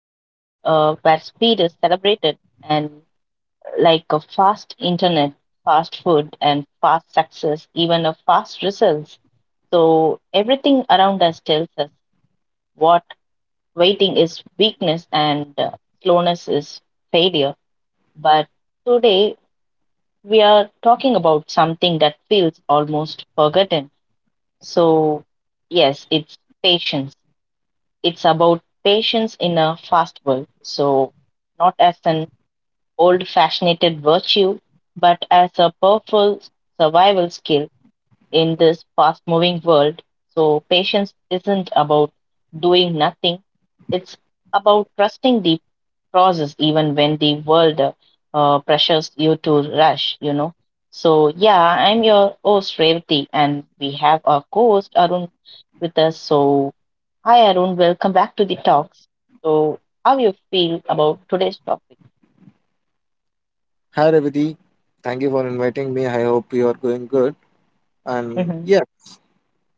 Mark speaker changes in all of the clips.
Speaker 1: where speed is celebrated and like a fast internet, fast food, and fast success, even a fast results. So everything around us tells us what waiting is weakness and slowness is failure. But today we are talking about something that feels almost forgotten so, yes, it's patience. It's about patience in a fast world. So, not as an old fashioned virtue, but as a powerful survival skill in this fast moving world. So, patience isn't about doing nothing, it's about trusting the process even when the world pressures you to rush, So, yeah, I'm your host, Revati, and we have our co host, Arun, with us. So, hi, Arun, welcome back to the talks. So, how you feel about today's topic?
Speaker 2: Hi Revati, thank you for inviting me. I hope you are going good. And
Speaker 1: Mm-hmm.
Speaker 2: yeah,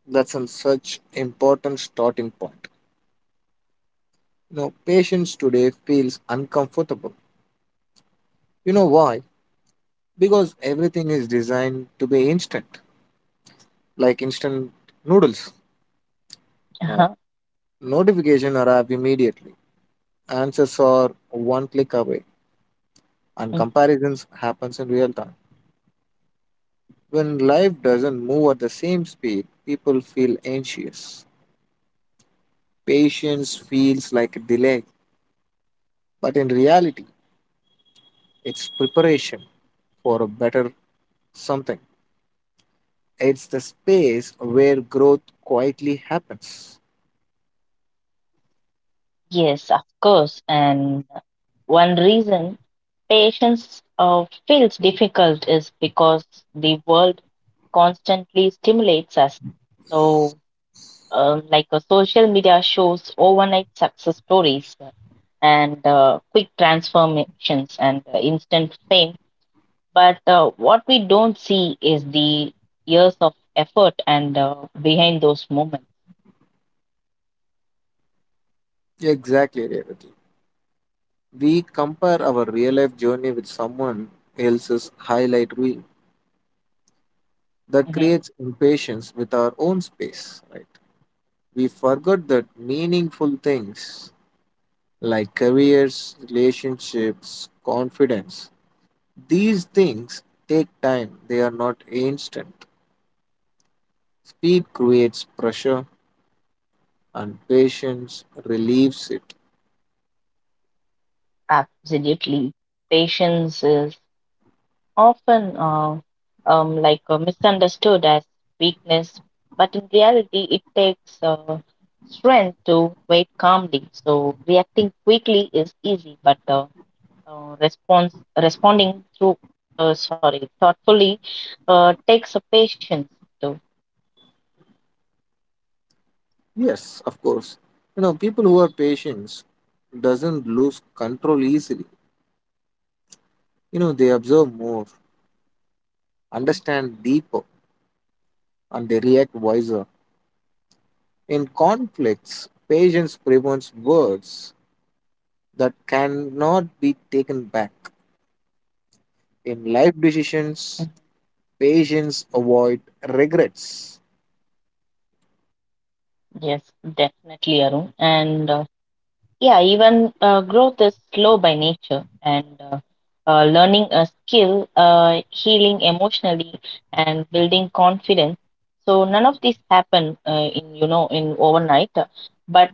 Speaker 2: that's an such important starting point. You know, patience today feels uncomfortable. You know why? Because everything is designed to be instant, like instant noodles. Now,
Speaker 1: Uh-huh.
Speaker 2: notification arrive immediately. Answers are one click away, and
Speaker 1: Mhm.
Speaker 2: comparisons happens in real time. When life doesn't move at the same speed, people feel anxious. Patience feels like a delay, but in reality, it's preparation for a better something. It's the space where growth quietly happens.
Speaker 1: Yes, of course. And one reason patience feels difficult is because the world constantly stimulates us. So, social media shows overnight success stories and quick transformations and instant fame. But what we don't see is the years of effort and behind those moments.
Speaker 2: Exactly, Revati. We compare our real life journey with someone else's highlight reel. That
Speaker 1: Mhm.
Speaker 2: creates impatience with our own space, right? We forgot that meaningful things like careers, relationships, confidence, these things take time, they are not instant. Speed creates pressure and patience relieves it.
Speaker 1: Absolutely. Patience is often misunderstood as weakness, but in reality, it takes strength to wait calmly. So reacting quickly is easy, but response responding through sorry thoughtfully takes a patience. So
Speaker 2: Yes, of course. You know, people who are patient doesn't lose control easily. You know, they observe more, understand deeper, and they react wiser. In conflicts, patience prevents words that cannot be taken back. In life
Speaker 1: Mhm.
Speaker 2: decisions, patience avoid regrets.
Speaker 1: yes, definitely, Arun, and. Yeah, even growth is slow by nature, and learning a skill, healing emotionally, and building confidence. So none of these happen in you know in overnight, but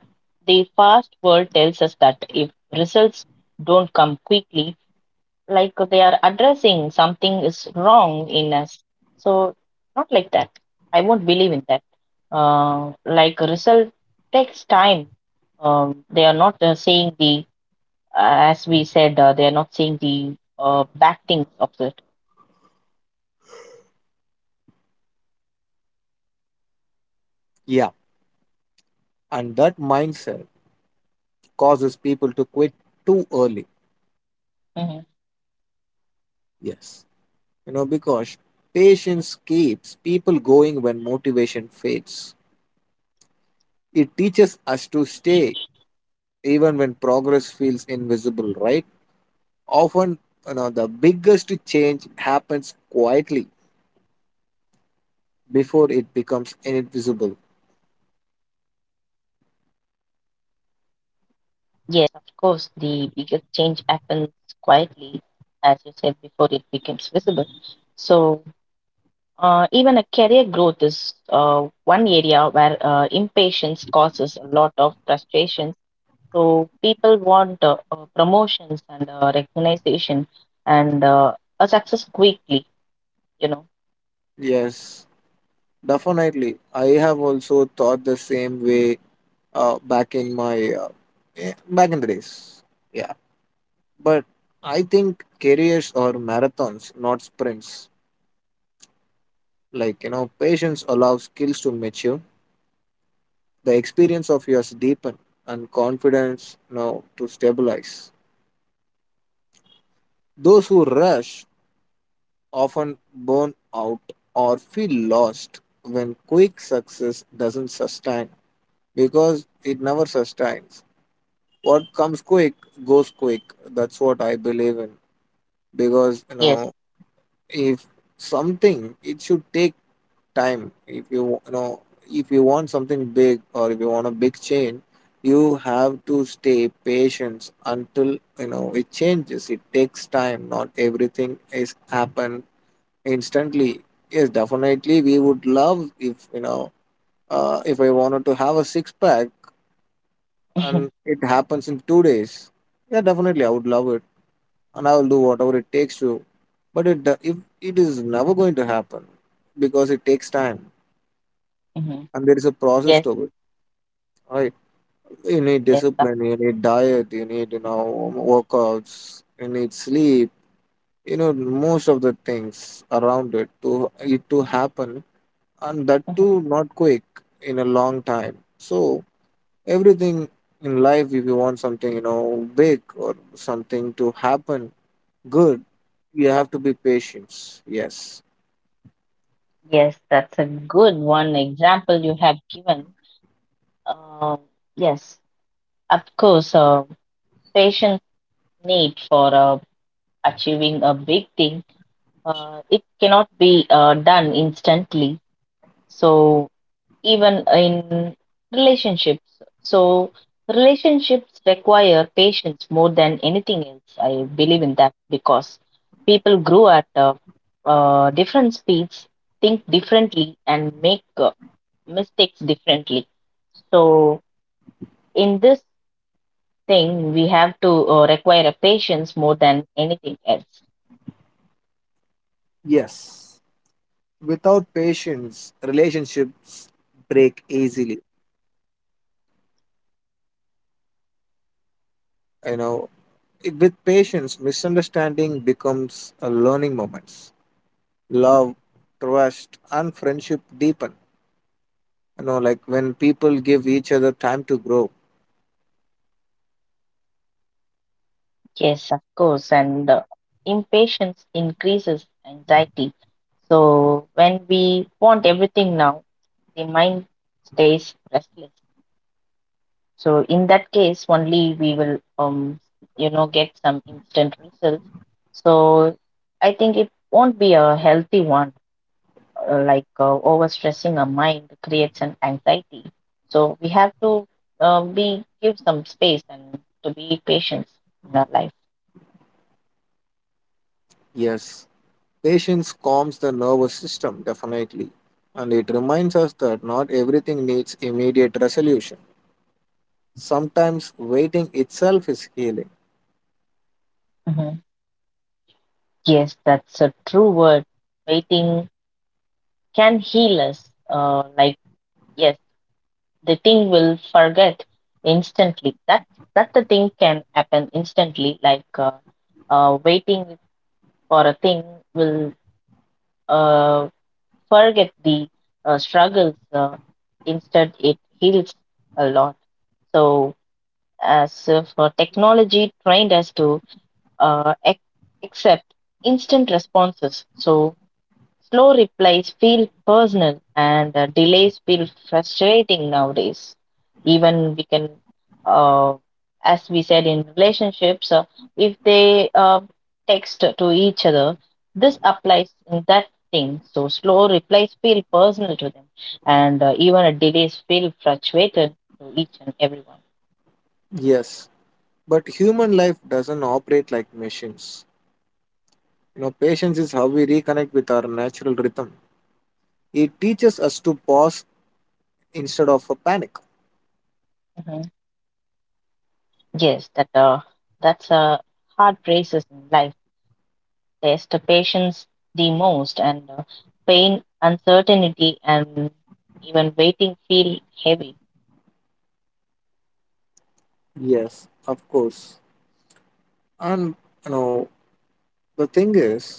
Speaker 1: the fast world tells us that if results don't come quickly, like they are addressing something is wrong in us. So not like that. I won't believe in that. Like result takes time. They are not saying the as we said. They are not saying the bad things of it.
Speaker 2: Yeah, and that mindset causes people to quit too early.
Speaker 1: Hmm.
Speaker 2: Yes, you know, because patience keeps people going when motivation fades. It teaches us to stay even when progress feels invisible, right? Often, you know, the biggest change happens quietly before it becomes invisible.
Speaker 1: Yes, of course. The biggest change happens quietly, as you said before. It becomes visible. So even a career growth is one area where impatience causes a lot of frustration. So people want promotions and recognition and a success quickly. You know.
Speaker 2: Yes, definitely. I have also thought the same way back in my back in the days. Yeah, but I think careers are marathons, not sprints. Like, you know, patience allows skills to mature, the experience of yours deepen, and confidence, you know, to stabilize. Those who rush often burn out or feel lost when quick success doesn't sustain, because it never sustains. What comes quick goes quick. That's what I believe in, because, you know,
Speaker 1: Yes.
Speaker 2: if something it should take time, if you you know, if you want something big or if you want a big change, you have to stay patient until, you know, it changes. It takes time, not everything is happen instantly. Yes, definitely, we would love if you know, if I wanted to have a six pack and it happens in 2 days. Yeah, definitely I would love it, and I will do whatever it takes to. But if it is never going to happen, because it takes time.
Speaker 1: Hmm.
Speaker 2: And there is a process
Speaker 1: Yes.
Speaker 2: to it, right? You need
Speaker 1: Yes. that-
Speaker 2: discipline, you need diet, you need, you know, workouts, you need sleep, you know, most of the things around it to it to happen. And that
Speaker 1: mhm.
Speaker 2: too not quick, in a long time. So everything in life, if you want something, you know, big or something to happen good, you have to be patient. Yes.
Speaker 1: Yes. That's a good one example you have given. Um yes. Of course. Patience need for achieving a big thing it cannot be done instantly. So even in relationships, so relationships require patience more than anything else. I believe in that because people grow at different speeds, think differently, and make mistakes differently. So in this thing, we have to require a patience more than anything else.
Speaker 2: Yes, without patience, relationships break easily. You know, with patience, misunderstanding becomes a learning moments. Love, trust, and friendship deepen. You know, like when people give each other time to grow.
Speaker 1: Yes, of course. And impatience increases anxiety. So when we want everything now, the mind stays restless. So in that case, only we will, you know, get some instant results. So I think it won't be a healthy one. Overstressing our mind creates an anxiety. So we have to be give some space and to be patient in our life.
Speaker 2: Yes, patience calms the nervous system definitely, and it reminds us that not everything needs immediate resolution. Sometimes waiting itself is healing.
Speaker 1: Mhm. Yes, that's a true word. Waiting can heal us. Like yes, the thing will forget instantly. That the thing can happen instantly. Waiting for a thing will uh, forget the struggles. Instead, it heals a lot. So, as for technology trained us to uh, ac- accept instant responses. So, slow replies feel personal and delays feel frustrating nowadays. Even we can, uh, as we said in relationships, if they text to each other, this applies in that thing. So slow replies feel personal to them and even a delays feel frustrated to each and everyone.
Speaker 2: Yes, but human life doesn't operate like machines. You know, patience is how we reconnect with our natural rhythm. It teaches us to pause instead of a panic.
Speaker 1: Hmm. Yes, that that's hard races in life test the patience the most, and pain, uncertainty, and even waiting feel heavy.
Speaker 2: Yes, of course. And you know, the thing is,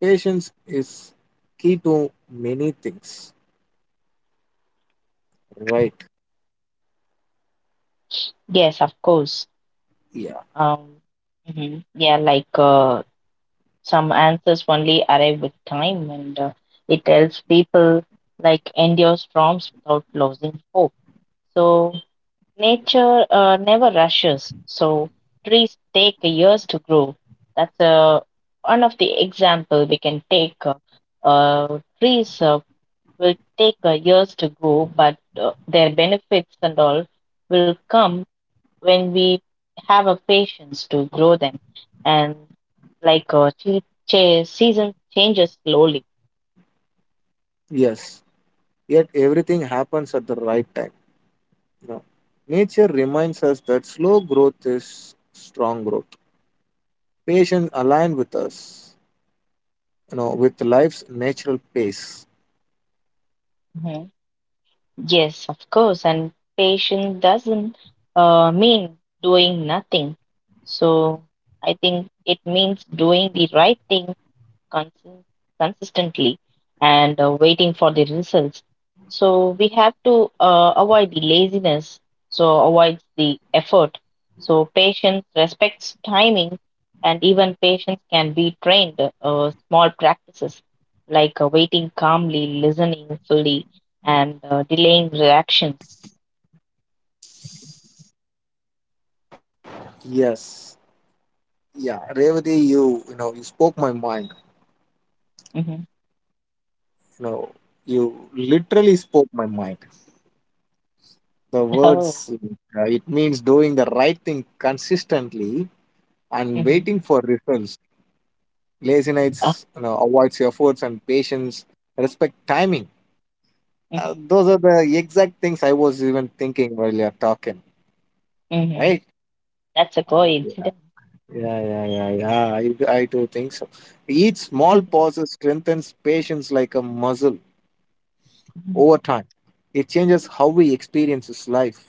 Speaker 2: patience is key to many things. Right.
Speaker 1: Yes, of course.
Speaker 2: Yeah.
Speaker 1: Um, mhm. Yeah, some answers only arrive with time, and it helps people like endure storms without losing hope. So nature never rushes. So trees take years to grow. That's one of the example we can take. Trees will take years to grow, but their benefits and all will come when we have a patience to grow them and like season changes slowly.
Speaker 2: Yes. Yet everything happens at the right time. You know, nature reminds us that slow growth is strong growth. Patience align with us, you know, with life's natural pace.
Speaker 1: Hmm. Yes of course and patience doesn't mean doing nothing so I think it means doing the right thing consi- consistently and waiting for the results. So we have to avoid the laziness, so avoid the effort. So patience respects timing, and even patience can be trained. Small practices like waiting calmly, listening fully, and delaying reactions. Hmm.
Speaker 2: So you literally spoke my mind. The
Speaker 1: Oh,
Speaker 2: words, it means doing the right thing consistently and
Speaker 1: hmm
Speaker 2: waiting for results. Laziness, you know, avoids efforts and patience, respect timing.
Speaker 1: hmm
Speaker 2: Those are the exact things I was even thinking while you're talking,
Speaker 1: hmm.
Speaker 2: right?
Speaker 1: That's a
Speaker 2: Yeah,
Speaker 1: coincidence.
Speaker 2: yeah, yeah, yeah, yeah. I do think so. Each small pause strengthens patience like muscle over time. It changes how we experience life.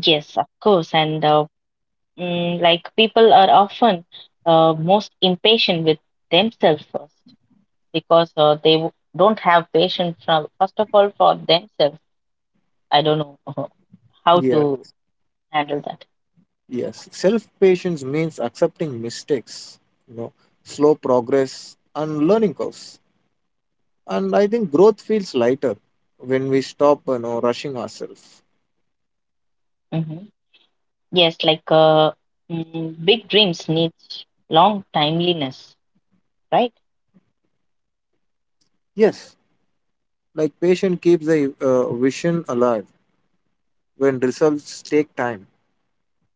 Speaker 1: Yes, of course. And Mm, like People are often most impatient with themselves first because they don't have patience from first of all for themselves. I don't know how
Speaker 2: Yeah.
Speaker 1: to handle that.
Speaker 2: Yes, self patience means accepting mistakes, you know, slow progress and learning curves. And I think growth feels lighter when we stop, you know, rushing ourselves.
Speaker 1: Hmm. Yes, big dreams needs long timeliness, right?
Speaker 2: Yes, like patience keeps the vision alive when results take time.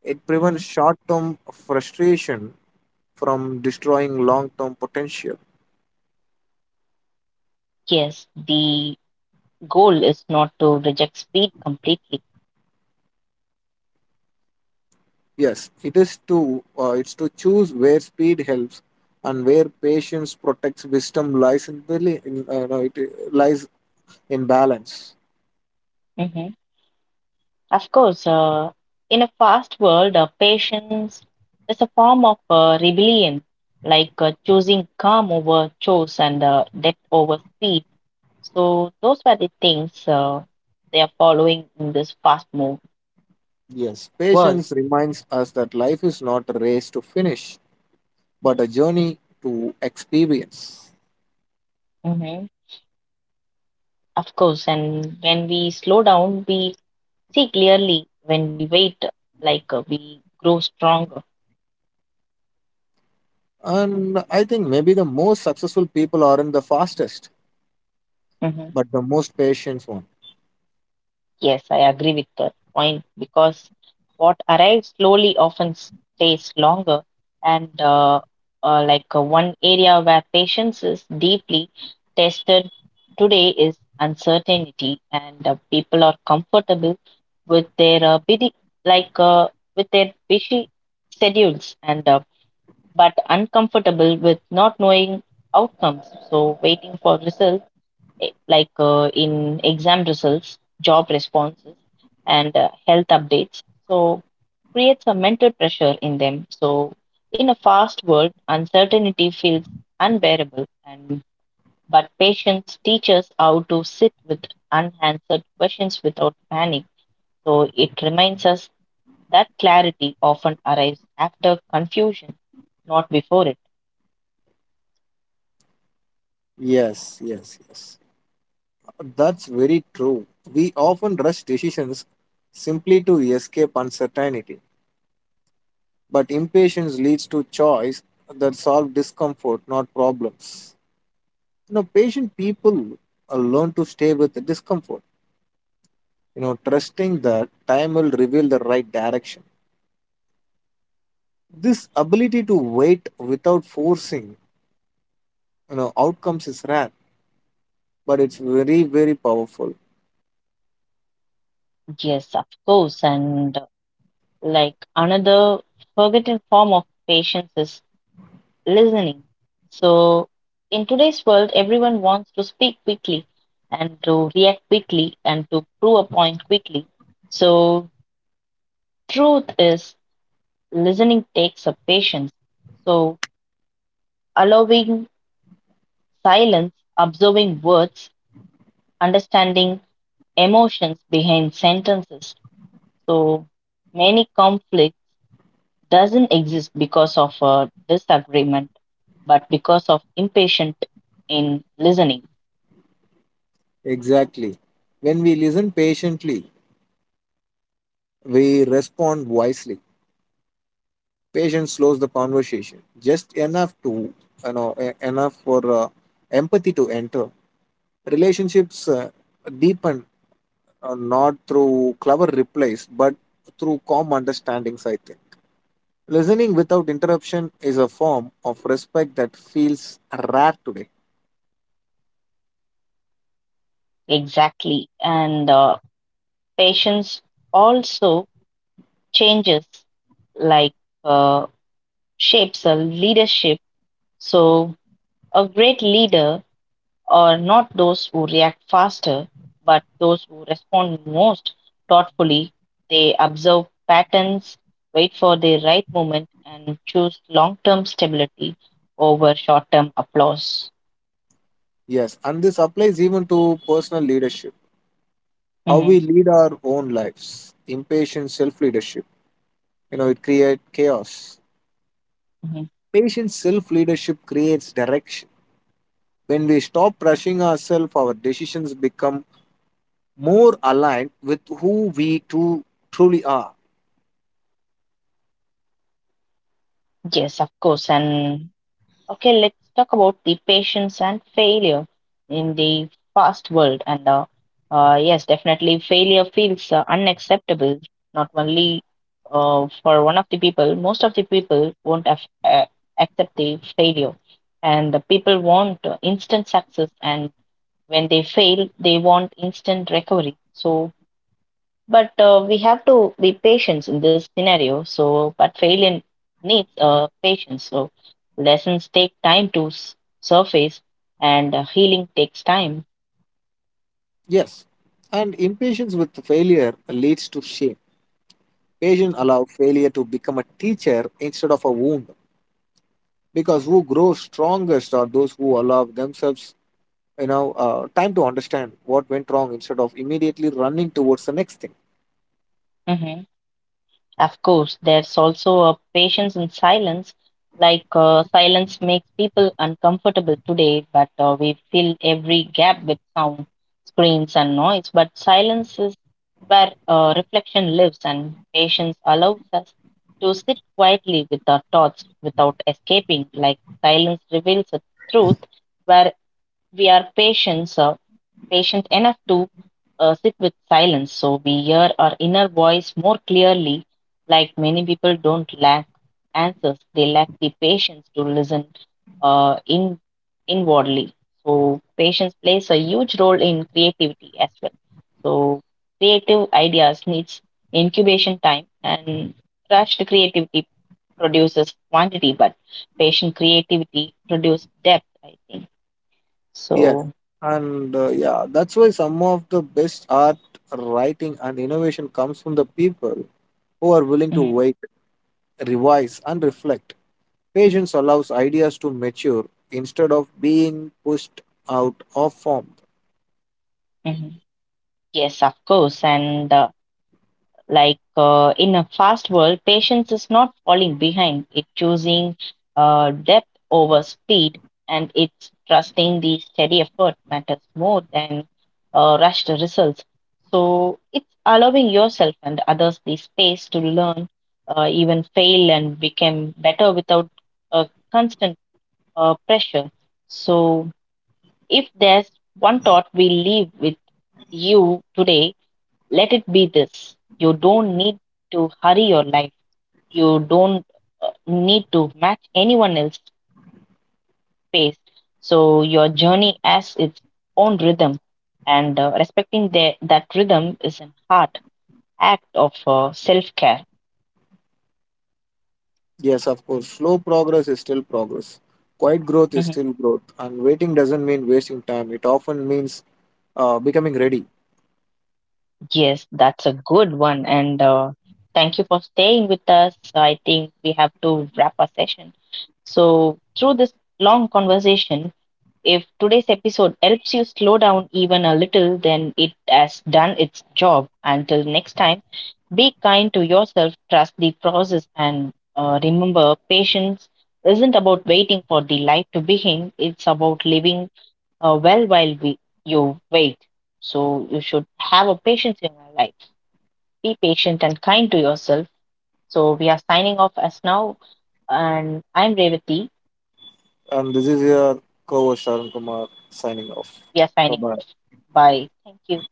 Speaker 2: It prevents
Speaker 1: Hmm.
Speaker 2: short-term frustration from destroying long-term potential.
Speaker 1: Yes, the goal is not to reject speed completely.
Speaker 2: Yes, it is to it's to choose where speed helps and where patience protects wisdom lies in belief in, no, it lies in balance.
Speaker 1: Hmm. Of course, in a fast world, patience is a form of rebellion, like choosing calm over chores and depth over speed. So those were the things they are following in this fast move
Speaker 2: Yes,
Speaker 1: world.
Speaker 2: patience reminds us that life is not a race to finish, but a journey to experience.
Speaker 1: Mhm. Of course, and when we slow down, we see clearly. When we wait, we grow stronger.
Speaker 2: And I think maybe the most successful people aren't the fastest,
Speaker 1: Hmm.
Speaker 2: but the most patient one.
Speaker 1: Yes, I agree with the point because what arrives slowly often stays longer. And one area where patience is deeply tested today is uncertainty, and people are comfortable with their like uh, busy schedules and but uncomfortable with not knowing outcomes. So waiting for results, in exam results, job responses, and health updates. So creates a mental pressure in them. So in a fast world, uncertainty feels unbearable, and but patience teaches how to sit with unanswered questions without panic. So it reminds us that clarity often arrives after confusion, not before it.
Speaker 2: Yes, yes, yes. That's very true. We often rush decisions simply to escape uncertainty, but impatience leads to choice that solve discomfort, not problems. You know, patient people learn to stay with the discomfort, you know, trusting that time will reveal the right direction. This ability to wait without forcing, you know, outcomes is rare, but it's very, very powerful.
Speaker 1: Yes, of course. And like another forgotten form of patience is listening. So, in today's world, everyone wants to speak quickly and to react quickly and to prove a point quickly. So, truth is, listening takes a patience. So, allowing silence, observing words, understanding emotions behind sentences. So, many conflicts doesn't exist because of a disagreement, but because of impatient in listening.
Speaker 2: Exactly. When we listen patiently, we respond wisely. Patience slows the conversation just enough to, you know, enough for empathy to enter. Relationships deepen not through clever replies, but through calm understandings, I think. Listening without interruption is a form of respect that feels rare today.
Speaker 1: Exactly. And patience also changes, like uh, shapes a leadership. So, a great leader are not those who react faster, but those who respond most thoughtfully. They observe patterns, wait for the right moment, and choose long term stability over short term applause.
Speaker 2: Yes, and this applies even to personal leadership, how
Speaker 1: Mhm,
Speaker 2: we lead our own lives, impatient self leadership. You know, it creates chaos.
Speaker 1: mhm.
Speaker 2: Patient self leadership creates direction. When we stop rushing ourselves, our decisions become more aligned with truly are.
Speaker 1: Yes, of course. And okay, let's talk about the patience and failure in the fast world. And yes, definitely, failure feels unacceptable. Not only for one of the people, most of the people won't accept the failure, and the people want instant success. And when they fail, they want instant recovery. So but we have to be patient in this scenario. So, but failure needs patience. So, lessons take time to surface, and healing takes time.
Speaker 2: Yes, and impatience with failure leads to shame. Patience allow failure to become a teacher instead of a wound, because who grow strongest are those who allow themselves, you know, time to understand what went wrong instead of immediately running towards the next thing.
Speaker 1: Mhm. Of course, there's also a patience in silence. Silence makes people uncomfortable today, but we fill every gap with sound, screens, and noise. But silence is where reflection lives, and patience allows us to sit quietly with our thoughts without escaping. Like silence reveals a truth where we are patient, patient enough to sit with silence so we hear our inner voice more clearly. Like many people don't lack answers, they lack the patience to listen in inwardly. So, patience plays a huge role in creativity as well. So, creative ideas needs incubation time, and rushed creativity produces quantity, but patient creativity produces depth. I think
Speaker 2: Yeah,
Speaker 1: so.
Speaker 2: and yeah, that's why some of the best art, writing and innovation comes from the people who are willing to
Speaker 1: Hmm.
Speaker 2: wait, revise and reflect. Patience allows ideas to mature instead of being pushed out of form.
Speaker 1: Yes, of course. And like In a fast world, patience is not falling behind. It's choosing depth over speed, and it's trusting the steady effort matters more than rushed results. So it's allowing yourself and others the space to learn, even fail, and become better without uh, constant pressure. So if there's one thought we leave with you today, let it be this you don't need to hurry your life, you don't need to match anyone else's pace. So, your journey has its own rhythm, and respecting the, that rhythm is an hard act of self care.
Speaker 2: Yes, of course. Slow progress is still progress. Quiet growth is
Speaker 1: Mhm.
Speaker 2: still growth. And waiting doesn't mean wasting time. It often means becoming ready.
Speaker 1: Yes, that's a good one. And thank you for staying with us. I think we have to wrap our session. So, through this long conversation, if today's episode helps you slow down even a little, then it has done its job. Until next time, be kind to yourself, trust the process, and remember patience isn't about waiting for the life to begin, it's about living well while we, you wait. So, you should have a patience in your life. Be patient and kind to yourself. So, we are signing off as now, and I'm Revati.
Speaker 2: And this is your co-host Sharan Kumar signing off.
Speaker 1: We are
Speaker 2: Bye
Speaker 1: signing
Speaker 2: bye.
Speaker 1: off. Bye. Thank you.